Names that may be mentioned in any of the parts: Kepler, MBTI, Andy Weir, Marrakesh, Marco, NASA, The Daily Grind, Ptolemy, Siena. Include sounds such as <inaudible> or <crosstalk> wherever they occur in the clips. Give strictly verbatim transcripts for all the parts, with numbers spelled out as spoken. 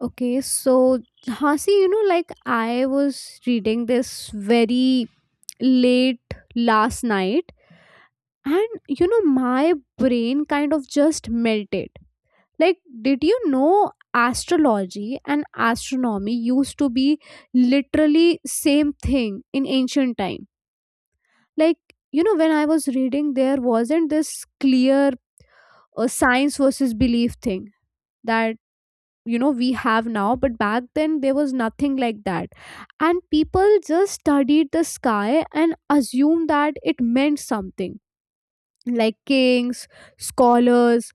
Okay, so Hasi, you know, like I was reading this very late last night, and you know, my brain kind of just melted. Like, did you know astrology and astronomy used to be literally same thing in ancient time? Like, you know, when I was reading, there wasn't this clear uh, science versus belief thing that you know we have now, but back then there was nothing like that, and people just studied the sky and assumed that it meant something like kings, scholars,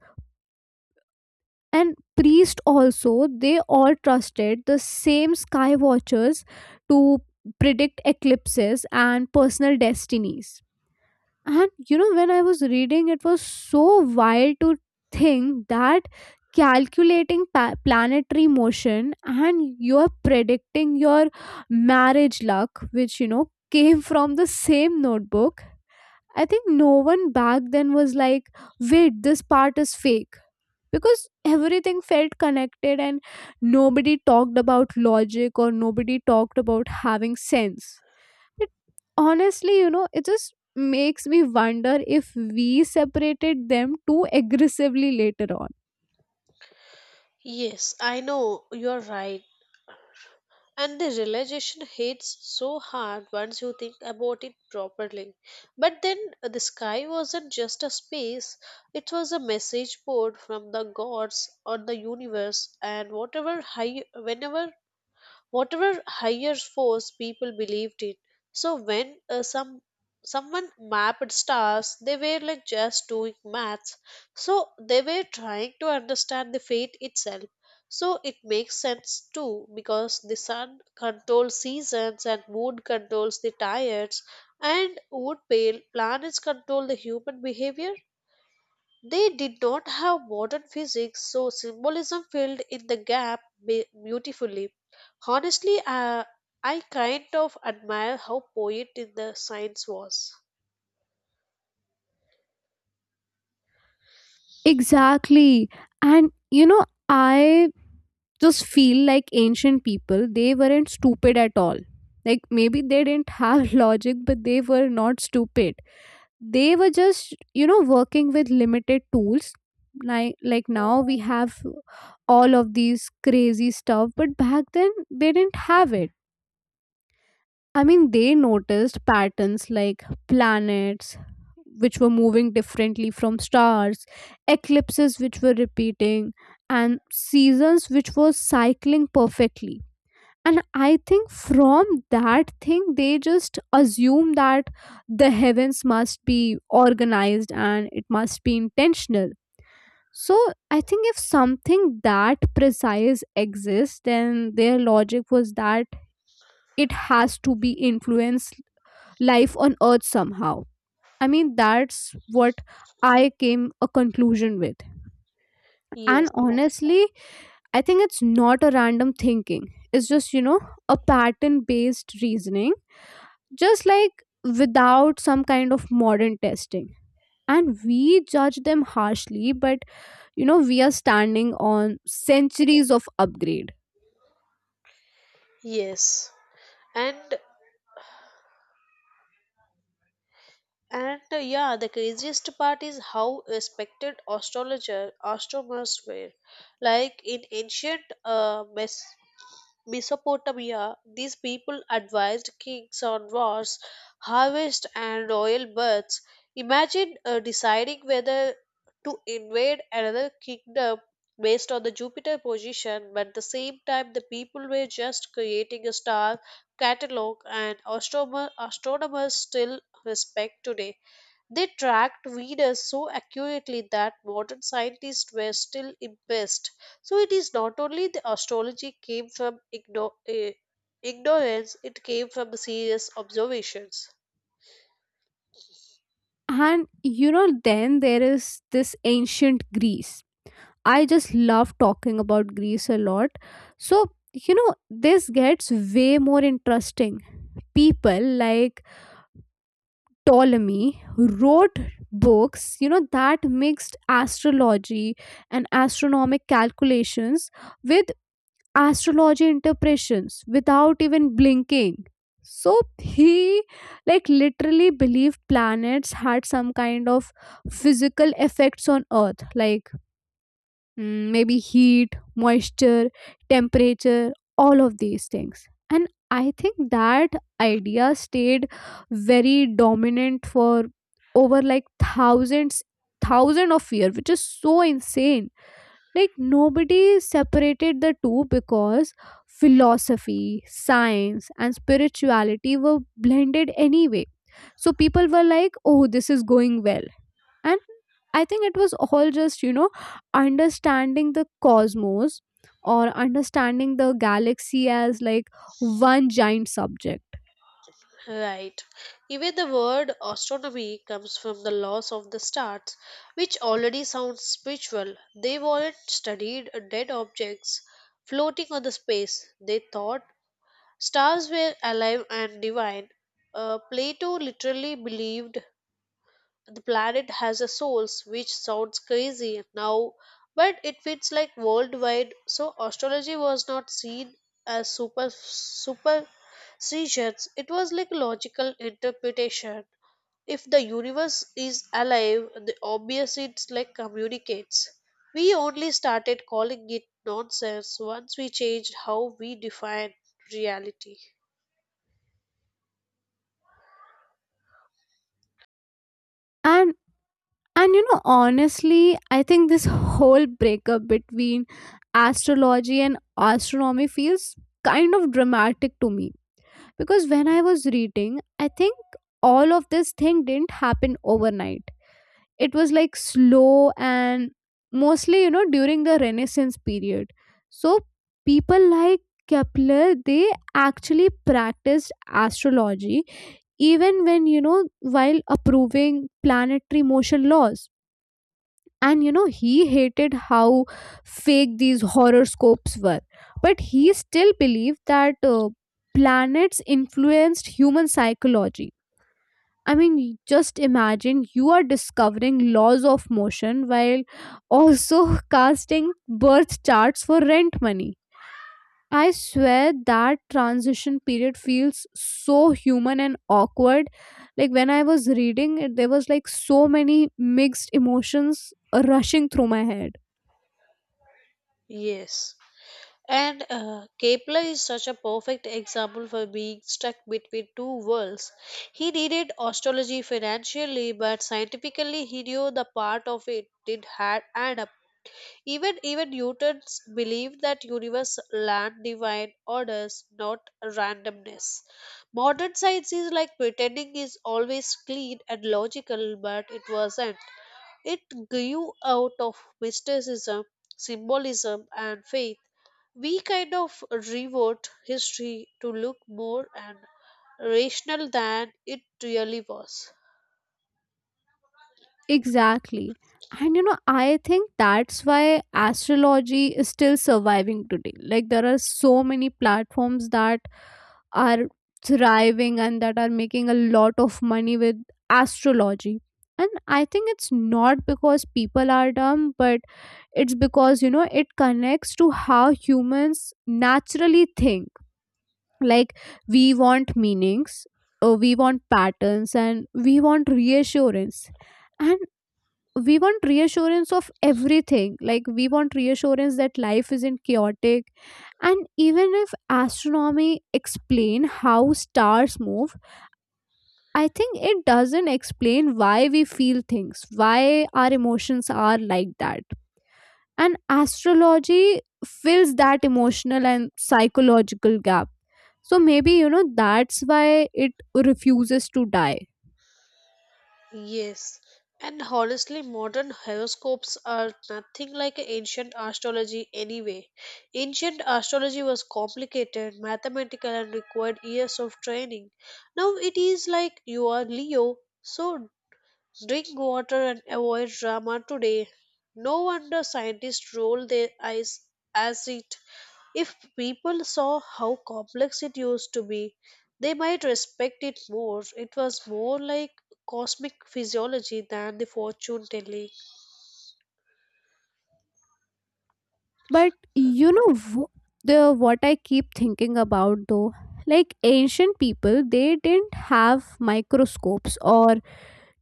and priests also, they all trusted the same sky watchers to predict eclipses and personal destinies. And you know, when I was reading, it was so wild to think that calculating pa- planetary motion and you're predicting your marriage luck, which you know came from the same notebook. I think no one back then was like, wait, this part is fake. Because everything felt connected and nobody talked about logic or nobody talked about having sense. It Honestly, you know, it just makes me wonder if we separated them too aggressively later on. Yes, I know you're right. And the realization hits so hard once you think about it properly. But then uh, the sky wasn't just a space, it was a message board from the gods or the universe, and whatever high, whenever whatever higher force people believed in. So when uh, some someone mapped stars, they were like just doing maths. So they were trying to understand the fate itself. So it makes sense too because the sun controls seasons and moon controls the tides and would pale planets control the human behavior? They did not have modern physics, so symbolism filled in the gap be- beautifully. Honestly, uh, I kind of admire how poet in the science was. Exactly. And you know, I just feel like ancient people, they weren't stupid at all. Like maybe they didn't have <laughs> logic, but they were not stupid. They were just, you know, working with limited tools. Like like now we have all of these crazy stuff, but back then they didn't have it. I mean, they noticed patterns like planets, which were moving differently from stars, eclipses, which were repeating, and seasons, which were cycling perfectly. And I think from that thing, they just assume that the heavens must be organized and it must be intentional. So I think if something that precise exists, then their logic was that it has to be influenced life on earth somehow. I mean, that's what I came a conclusion with. And Yes, honestly, I think it's not a random thinking, it's just you know a pattern based reasoning, just like without some kind of modern testing, and we judge them harshly, but you know we are standing on centuries of upgrade. yes. And And uh, yeah, the craziest part is how respected astrologer astronomers were. Like in ancient uh, Mes- Mesopotamia, these people advised kings on wars, harvest, and royal births. Imagine uh, deciding whether to invade another kingdom based on the Jupiter position, but at the same time, the people were just creating a star catalog, and astronomer- astronomers still respect today. They tracked readers so accurately that modern scientists were still impressed. So it is not only the astrology came from igno- eh, ignorance, it came from serious observations. And you know then there is this ancient greece. I just love talking about Greece a lot. So, you know, this gets way more interesting. People like Ptolemy wrote books, you know, that mixed astrology and astronomic calculations with astrology interpretations without even blinking. So he like literally believed planets had some kind of physical effects on earth like mm, maybe heat, moisture, temperature, all of these things. And I think that idea stayed very dominant for over like thousands, thousand of years, which is so insane. Like nobody separated the two because philosophy, science, and spirituality were blended anyway. So people were like, oh, this is going well, and I think it was all just you know understanding the cosmos or understanding the galaxy as like one giant subject. Right. Even the word astronomy comes from the laws of the stars, which already sounds spiritual. They weren't studied dead objects floating on the space. They thought stars were alive and divine. Uh, Plato literally believed the planet has a souls, which sounds crazy now, but it fits like worldwide. So astrology was not seen as super superstitions, it was like logical interpretation. If the universe is alive, the obvious it's like communicates. We only started calling it nonsense once we changed how we define reality. And and you know honestly, I think this whole breakup between astrology and astronomy feels kind of dramatic to me, because when I was reading, I think all of this thing didn't happen overnight. It was like slow and mostly, you know during the renaissance period. So people like Kepler, they actually practiced astrology even when, you know while approving planetary motion laws. And you know he hated how fake these horoscopes were, but he still believed that uh, planets influenced human psychology. I mean, y- just imagine you are discovering laws of motion while also <laughs> casting birth charts for rent money. I swear that transition period feels so human and awkward. Like when I was reading it, there was like so many mixed emotions rushing through my head. Yes. And uh, Kepler is such a perfect example for being stuck between two worlds. He needed astrology financially, but scientifically, he knew the part of it did had add up. Even even Newton's believed that universe land divine orders, not randomness. Modern science is like pretending is always clean and logical, but it wasn't. It grew out of mysticism, symbolism, and faith. We kind of rewrote history to look more and rational than it really was. Exactly. And you know, I think that's why astrology is still surviving today. Like, there are so many platforms that are thriving and that are making a lot of money with astrology. And I think it's not because people are dumb, but it's because, you know, it connects to how humans naturally think. Like, we want meanings, uh, we want patterns, and we want reassurance. And we want reassurance of everything, like we want reassurance that life isn't chaotic, and even if astronomy explain how stars move, I think it doesn't explain why we feel things, why our emotions are like that. And astrology fills that emotional and psychological gap. So maybe you know that's why it refuses to die. Yes, and honestly, modern horoscopes are nothing like ancient astrology anyway. Ancient astrology was complicated, mathematical, and required years of training. Now it is like you are Leo, so drink water and avoid drama today. No wonder scientists roll their eyes as it. If people saw how complex it used to be, they might respect it more. It was more like cosmic physiology than the fortune telling. But you know wh- the what I keep thinking about though, like ancient people, they didn't have microscopes or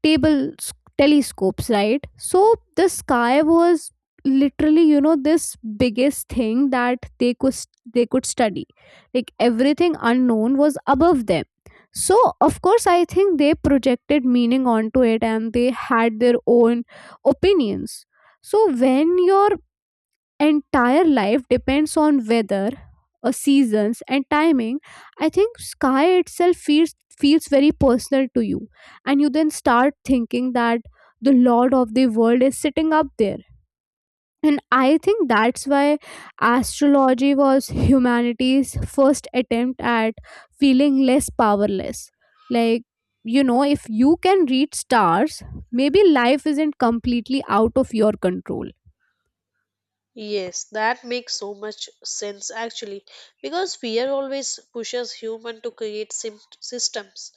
table telescopes, right? So the sky was literally, you know this biggest thing that they could, they could study. Like everything unknown was above them. So of course I think they projected meaning onto it and they had their own opinions. So when your entire life depends on weather, uh, seasons, and timing, I think sky itself feels feels very personal to you. And you then start thinking that the lord of the world is sitting up there. And I think that's why astrology was humanity's first attempt at feeling less powerless. Like, you know if you can read stars, maybe life isn't completely out of your control. Yes, that makes so much sense actually, because fear always pushes human to create sim- systems.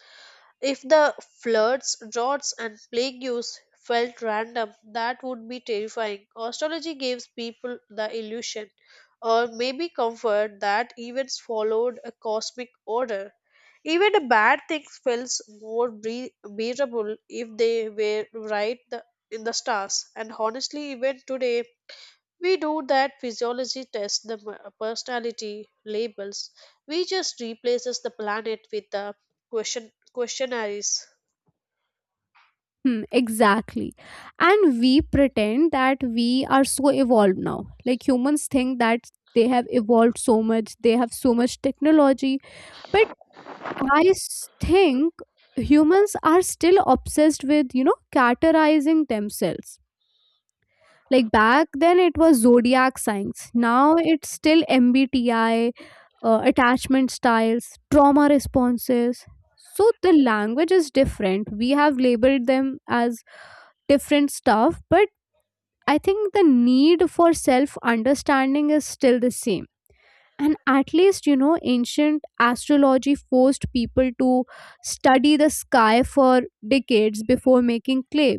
If the floods, droughts, and plagues felt random, that would be terrifying. Astrology gives people the illusion, or maybe comfort, that events followed a cosmic order. Even a bad thing feels more bre- bearable if they were right the, in the stars. And honestly, even today, we do that physiology test the m- personality labels. We just replaces the planet with the question questionnaires. Hmm, exactly. And we pretend that we are so evolved now. Like humans think that they have evolved so much, they have so much technology. But I s- think humans are still obsessed with, you know, categorizing themselves. Like back then, it was zodiac signs. Now it's still M B T I, uh, attachment styles, trauma responses. So the language is different. We have labeled them as different stuff, but I think the need for self understanding is still the same. And at least, you know, ancient astrology forced people to study the sky for decades before making clay.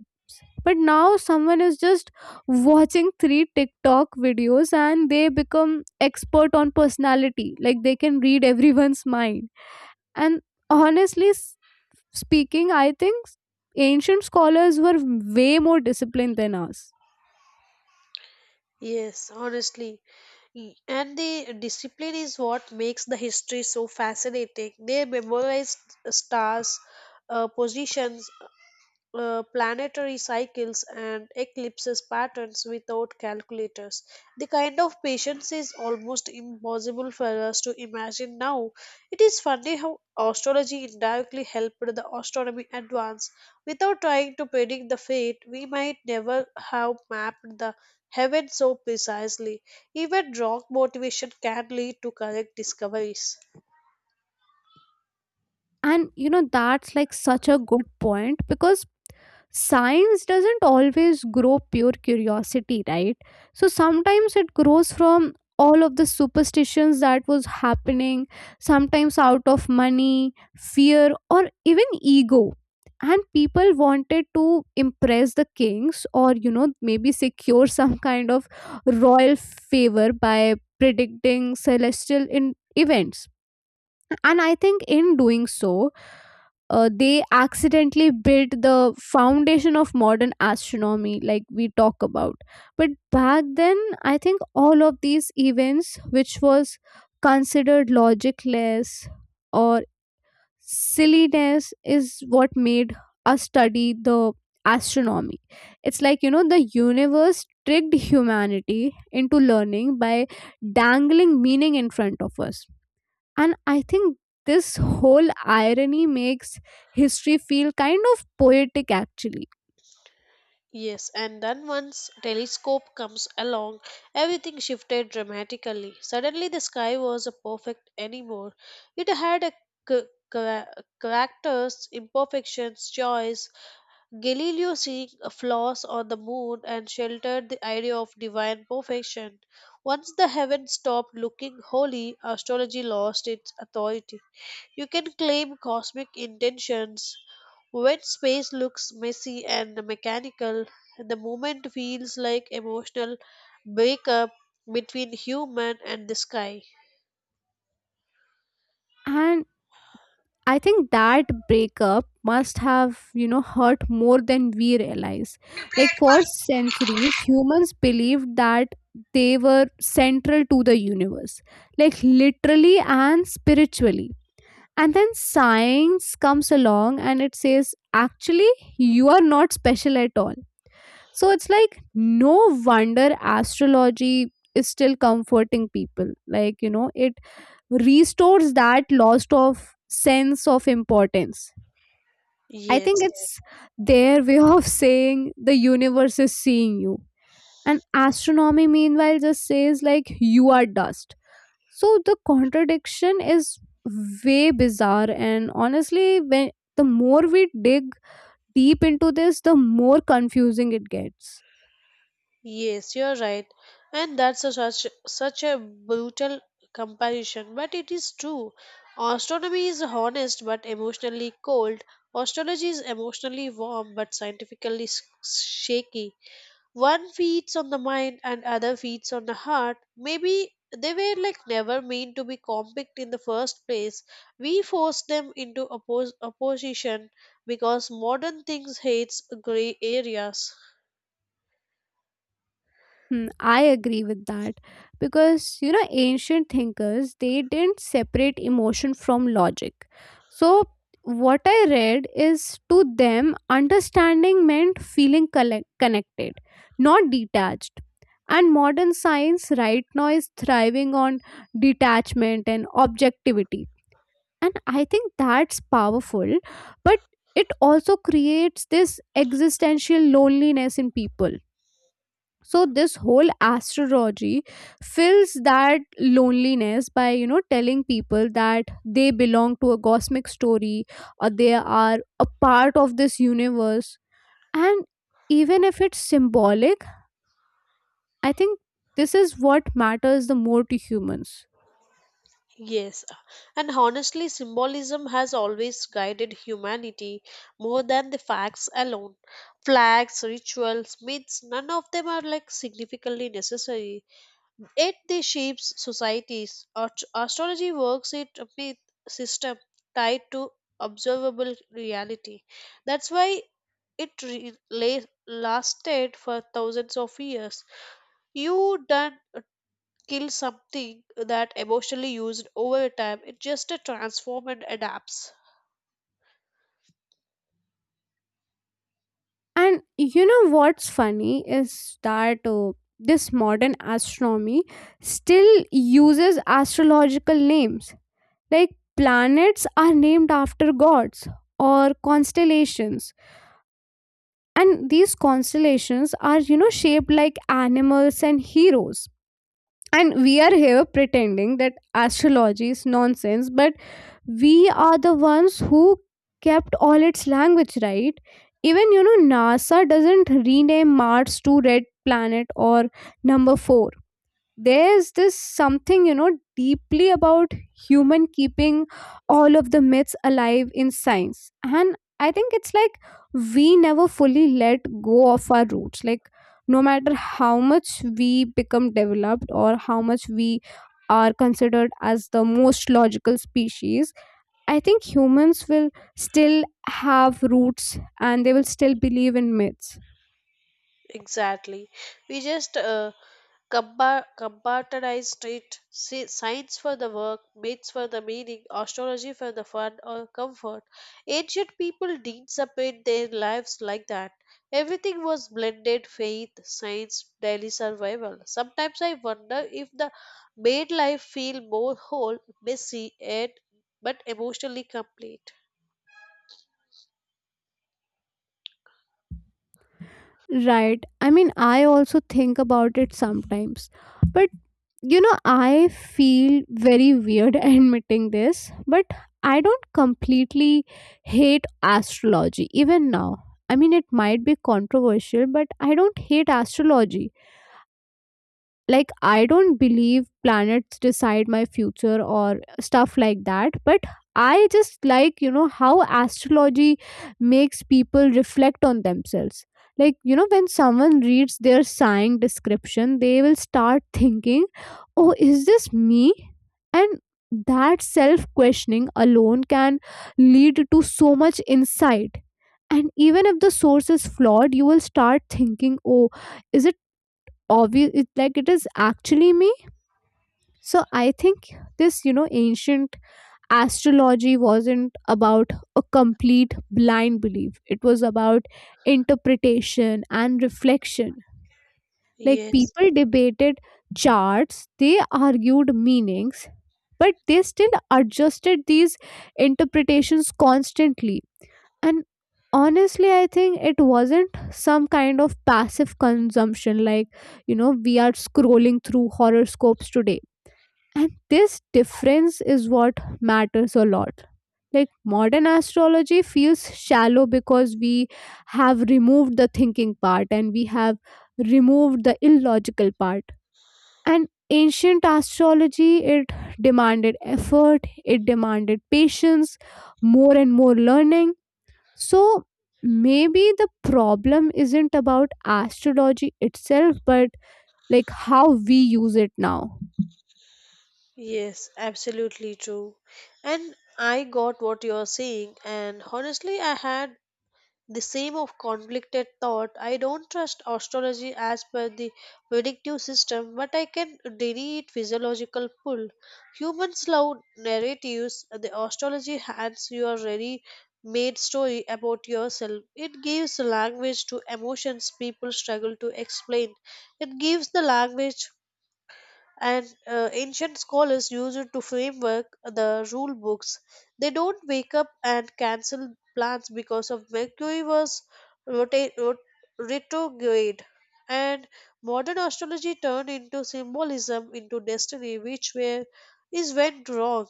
But now someone is just watching three TikTok videos and they become expert on personality. Like they can read everyone's mind. And honestly s- speaking, I think ancient scholars were way more disciplined than us. Yes, honestly. Y- And the discipline is what makes the history so fascinating. They memorized stars, uh, positions, uh, planetary cycles and eclipses patterns without calculators. The kind of patience is almost impossible for us to imagine now. It is funny how astrology indirectly helped the astronomy advance. Without trying to predict the fate, we might never have mapped the heaven so precisely. Even wrong motivation can lead to correct discoveries. And you know, that's like such a good point, because science doesn't always grow pure curiosity, right? So sometimes it grows from all of the superstitions that was happening, sometimes out of money, fear, or even ego. And people wanted to impress the kings or, you know, maybe secure <laughs> some kind of royal favor by predicting celestial in- events. And I think in doing so, uh, they accidentally built the foundation of modern astronomy like we talk about. But back then I think all of these events, which was considered logicless or silliness, is what made us study the astronomy. It's like, you know the universe tricked humanity into learning by dangling meaning in front of us. And I think this whole irony makes history feel kind of poetic actually. Yes, and then once telescope comes along, everything shifted dramatically. Suddenly the sky wasn't perfect anymore. It had a c- chara- characters, imperfections, joys. Galileo seeing a flaws on the moon and sheltered the idea of divine perfection. Once the heavens stopped looking holy, astrology lost its authority. You can claim cosmic intentions when space looks messy and mechanical, the moment feels like emotional breakup between human and the sky. And I think that breakup must have, you know, hurt more than we realize. Like for centuries, humans believed that they were central to the universe, like literally and spiritually. And then science comes along and it says, actually, you are not special at all. So it's like no wonder astrology is still comforting people. Like, you know, it restores that lost of sense of importance. I think Yes, it's their way <laughs> of saying the universe is seeing you. And astronomy, meanwhile, just says like you are dust. So the contradiction is way bizarre. And honestly, when the more we dig deep into this, the more confusing it gets. yes, you're right, and that's a such such a brutal comparison, but it is true. Astronomy is honest but emotionally cold. Astrology is emotionally warm but scientifically s- shaky. One feeds on the mind and other feeds on the heart. Maybe they were like never meant to be compact in the first place. We forced them into oppos- opposition because modern things hates gray areas. Hmm, I agree with that, because you know ancient thinkers, they didn't separate emotion from logic. So what I read is, to them understanding meant feeling collect- connected, not detached. And modern science right now is thriving on detachment and objectivity. And I think that's powerful, but it also creates this existential loneliness in people. So this whole astrology fills that loneliness by, you know telling people that they belong to a cosmic story or they are a part of this universe. And even if it's symbolic, I think this is what matters the more to humans. Yes, and honestly symbolism has always guided humanity more than the facts alone. Flags, rituals, myths, none of them are like significantly necessary. Yet they shapes societies. Ast- astrology works it with system tied to observable reality. That's why it re- la- lasted for thousands of years. You don't kill something that emotionally used over time. It just uh, transforms and adapts. And you know what's funny is that, uh, this modern astronomy still uses astrological names. Like planets are named after gods or constellations. And these constellations are, you know, shaped like animals and heroes. And we are here pretending that astrology is nonsense, but we are the ones who kept all its language, right? Even you know NASA doesn't rename mars to red planet or number four. There's this something, you know deeply about human keeping all of the myths alive in science. And I think it's like we never fully let go of our roots. Like no matter how much we become developed or how much we are considered as the most logical species, I think humans will still have roots and they will still believe in myths. Exactly. We just uh, Compa- compartmentalize it. Si- Science for the work, myths for the meaning, astrology for the fun or comfort. Ancient people didn't separate their lives like that. Everything was blended faith, science, daily survival. Sometimes I wonder if the made life feel more whole, messy, and but emotionally complete. Right. I mean, I also think about it sometimes. But, you know, I feel very weird <laughs> admitting this, but I don't completely hate astrology, even now. I mean, it might be controversial, but I don't hate astrology. Like, I don't believe planets decide my future or stuff like that, but I just, like you know how astrology makes people reflect on themselves. Like, you know when someone reads their sign description, they will start thinking, oh, is this me? And that self questioning alone can lead to so much insight. And even if the source is flawed, you will start thinking, oh, is it obvious it, like, it is actually me. So I think this, you know ancient astrology wasn't about a complete blind belief, it was about interpretation and reflection. Like, Yes, people debated charts, they argued meanings, but they still adjusted these interpretations constantly. And honestly, I think it wasn't some kind of passive consumption, like, you know, we are scrolling through horoscopes today. And this difference is what matters a lot. Like, modern astrology feels shallow because we have removed the thinking part and we have removed the illogical part. And ancient astrology, it demanded effort, it demanded patience, more and more learning. So maybe the problem isn't about astrology itself, but like how we use it now. yes, absolutely true. And I got what you're saying, and honestly, I had the same of conflicted thought. I don't trust astrology as per the predictive system, but I can deny its physiological pull. Humans love narratives. The astrology hands you a ready made story about yourself. It gives language to emotions people struggle to explain. It gives the language and uh, ancient scholars used it to framework the rule books. They don't wake up and cancel plans because of Mercury was rota- rot- retrograde. And modern astrology turned into symbolism into destiny, which where is went wrong.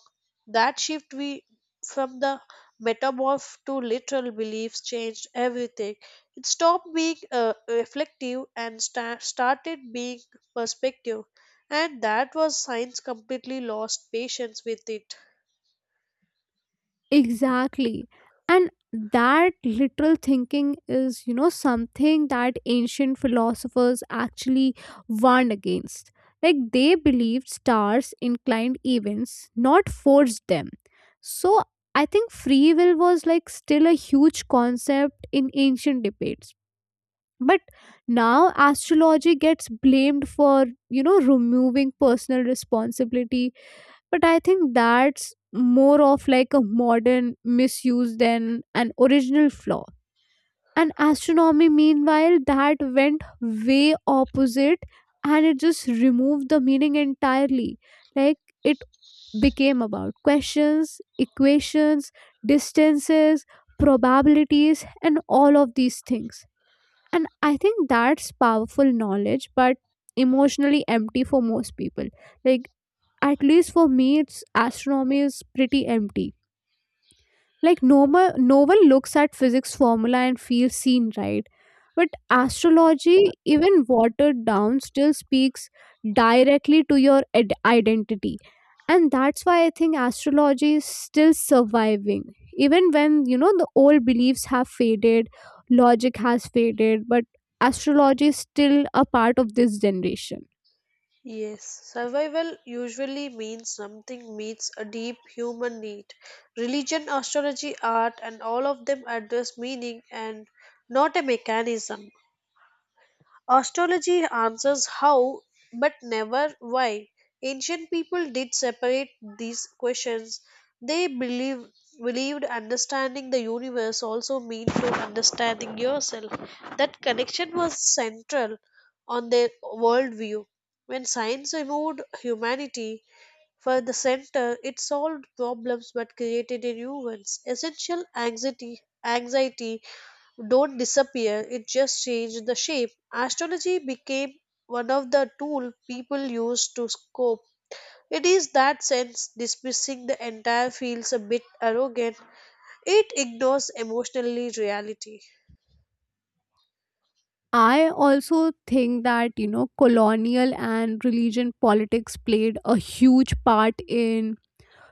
That shift we from the metamorph to literal beliefs changed everything. It stopped being uh, reflective and sta- started being perspective. And that was science completely lost patience with it. Exactly. And that literal thinking is, you know, something that ancient philosophers actually warned against. Like, they believed stars inclined events, not forced them. So I think free will was like still a huge concept in ancient debates. But now astrology gets blamed for, you know, removing personal responsibility, but I think that's more of like a modern misuse than an original flaw. And astronomy, meanwhile, that went way opposite, and it just removed the meaning entirely. Like, it became about questions, equations, distances, probabilities and all of these things. And I think that's powerful knowledge but emotionally empty for most people. Like, at least for me, it's astronomy is pretty empty. Like, normal, no one looks at physics formula and feels seen, right? But astrology, even watered down, still speaks directly to your id- identity. And that's why I think astrology is still surviving even when, you know the old beliefs have faded, logic has faded, but astrology is still a part of this generation. Yes, survival usually means something meets a deep human need. Religion, astrology, art, and all of them address meaning and not a mechanism. Astrology answers how, but never why. Ancient people did separate these questions. They believe, believed understanding the universe also meant to understanding yourself. That connection was central on their worldview. When science removed humanity from the center, it solved problems but created a new ones. Essential anxiety, anxiety don't disappear, it just changed the shape. Astrology became one of the tool people used to cope. It is that sense dismissing the entire feels a bit arrogant, it ignores emotionally reality. I also think that, you know, colonial and religion politics played a huge part in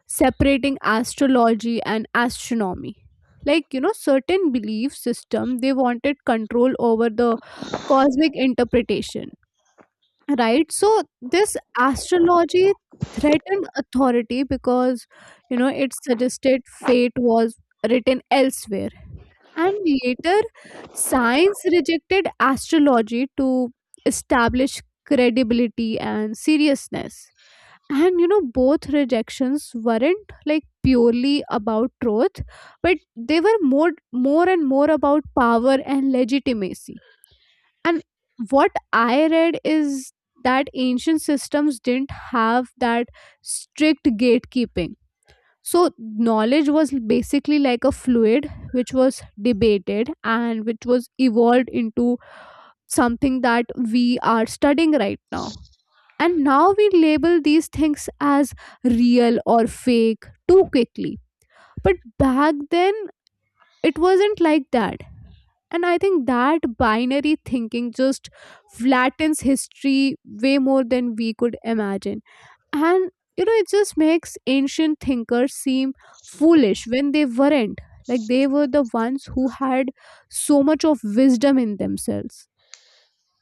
separating astrology and astronomy. Like, you know, certain belief system, they wanted control over the cosmic interpretation, right? So this astrology threatened authority because, you know, it suggested fate was written elsewhere. And later, science rejected astrology to establish credibility and seriousness. And you know, both rejections weren't like purely about truth, but they were more, more and more about power and legitimacy. And what I read is that ancient systems didn't have that strict gatekeeping. So, knowledge was basically like a fluid which was debated and which was evolved into something that we are studying right now. And now we label these things as real or fake too quickly. But back then, it wasn't like that. And I think that binary thinking just flattens history way more than we could imagine. And you know it just makes ancient thinkers seem foolish when they weren't. Like, they were the ones who had so much of wisdom in themselves.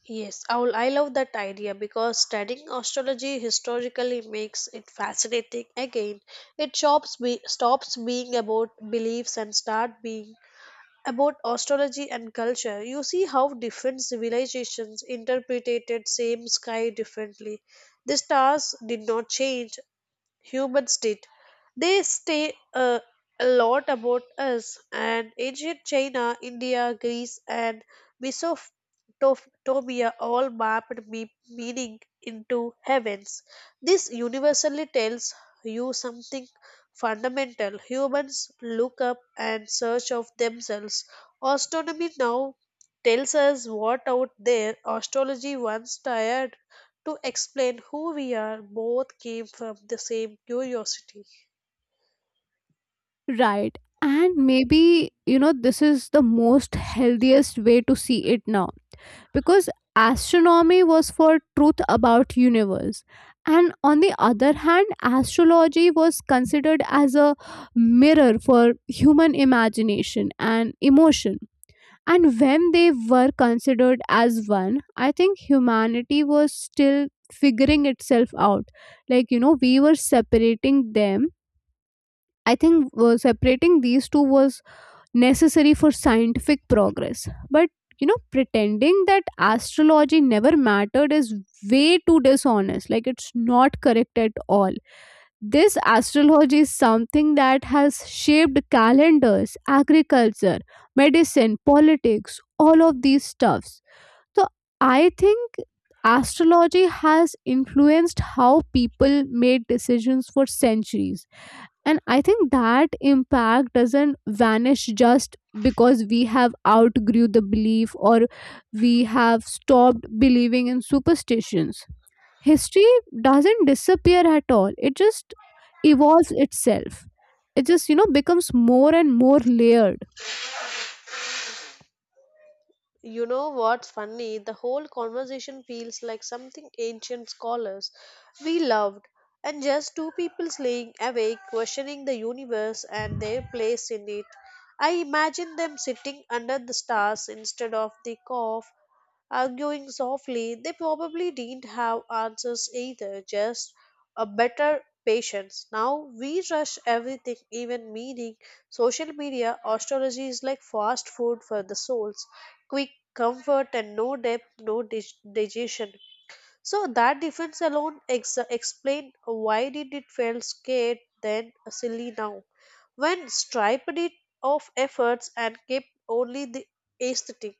Yes, I will- I love that idea because studying astrology historically makes it fascinating again. It stops, be, stops being about beliefs and start being about astrology and culture. You see how different civilizations interpreted same sky differently. The stars did not change, humans did. They stay uh, a lot about us, and ancient China, India, Greece, and Mesopotamia all mapped me- meaning into heavens. This universally tells you something fundamental. Humans look up and search of themselves. Astronomy now tells us what out there. Astrology once tired to explain who we are, both came from the same curiosity. Right. And maybe you know this is the most healthiest way to see it now, because astronomy was for truth about universe, and on the other hand, astrology was considered as a mirror for human imagination and emotion. And when they were considered as one, I think humanity was still figuring itself out. Like, you know, we were separating them. I think uh, separating these two was necessary for scientific progress. But, you know, pretending that astrology never mattered is way too dishonest. Like, it's not correct at all. This astrology is something that has shaped calendars, agriculture, medicine, politics, all of these stuffs. So I think astrology has influenced how people made decisions for centuries. And I think that impact doesn't vanish just because we have outgrew the belief or we have stopped believing in superstitions. History doesn't disappear at all, it just evolves itself. It just, you know becomes more and more layered. You know what's funny? The whole conversation feels like something ancient scholars we loved, and just two people laying awake, questioning the universe and their place in it. I imagine them sitting under the stars instead of the cough arguing softly. They probably didn't have answers either, just a better patience. Now we rush everything, even meaning. Social media astrology is like fast food for the souls, quick comfort and no depth, no dig- digestion. So that difference alone ex- explain why did it feel scared then silly now. When striped it of efforts and kept only the aesthetic.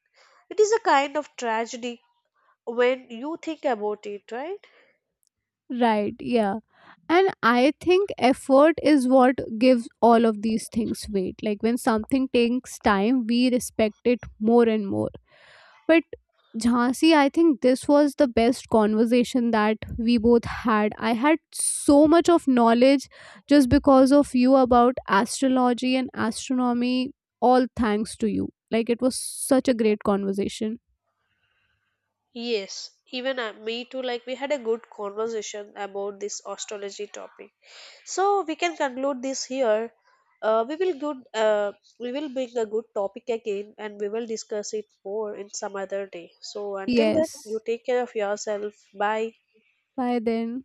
It is a kind of tragedy when you think about it, right? Right, yeah. And I think effort is what gives all of these things weight. Like, when something takes time, we respect it more and more. But Jhansi, I think this was the best conversation that we both had. I had so much of knowledge just because of you about astrology and astronomy, all thanks to you. Like, it was such a great conversation. Yes, even uh, me too. Like, we had a good conversation about this astrology topic. So, we can conclude this here. Uh, we will good. Uh, we will bring a good topic again, and we will discuss it more in some other day. So, until then, Yes. you take care of yourself. Bye. Bye then.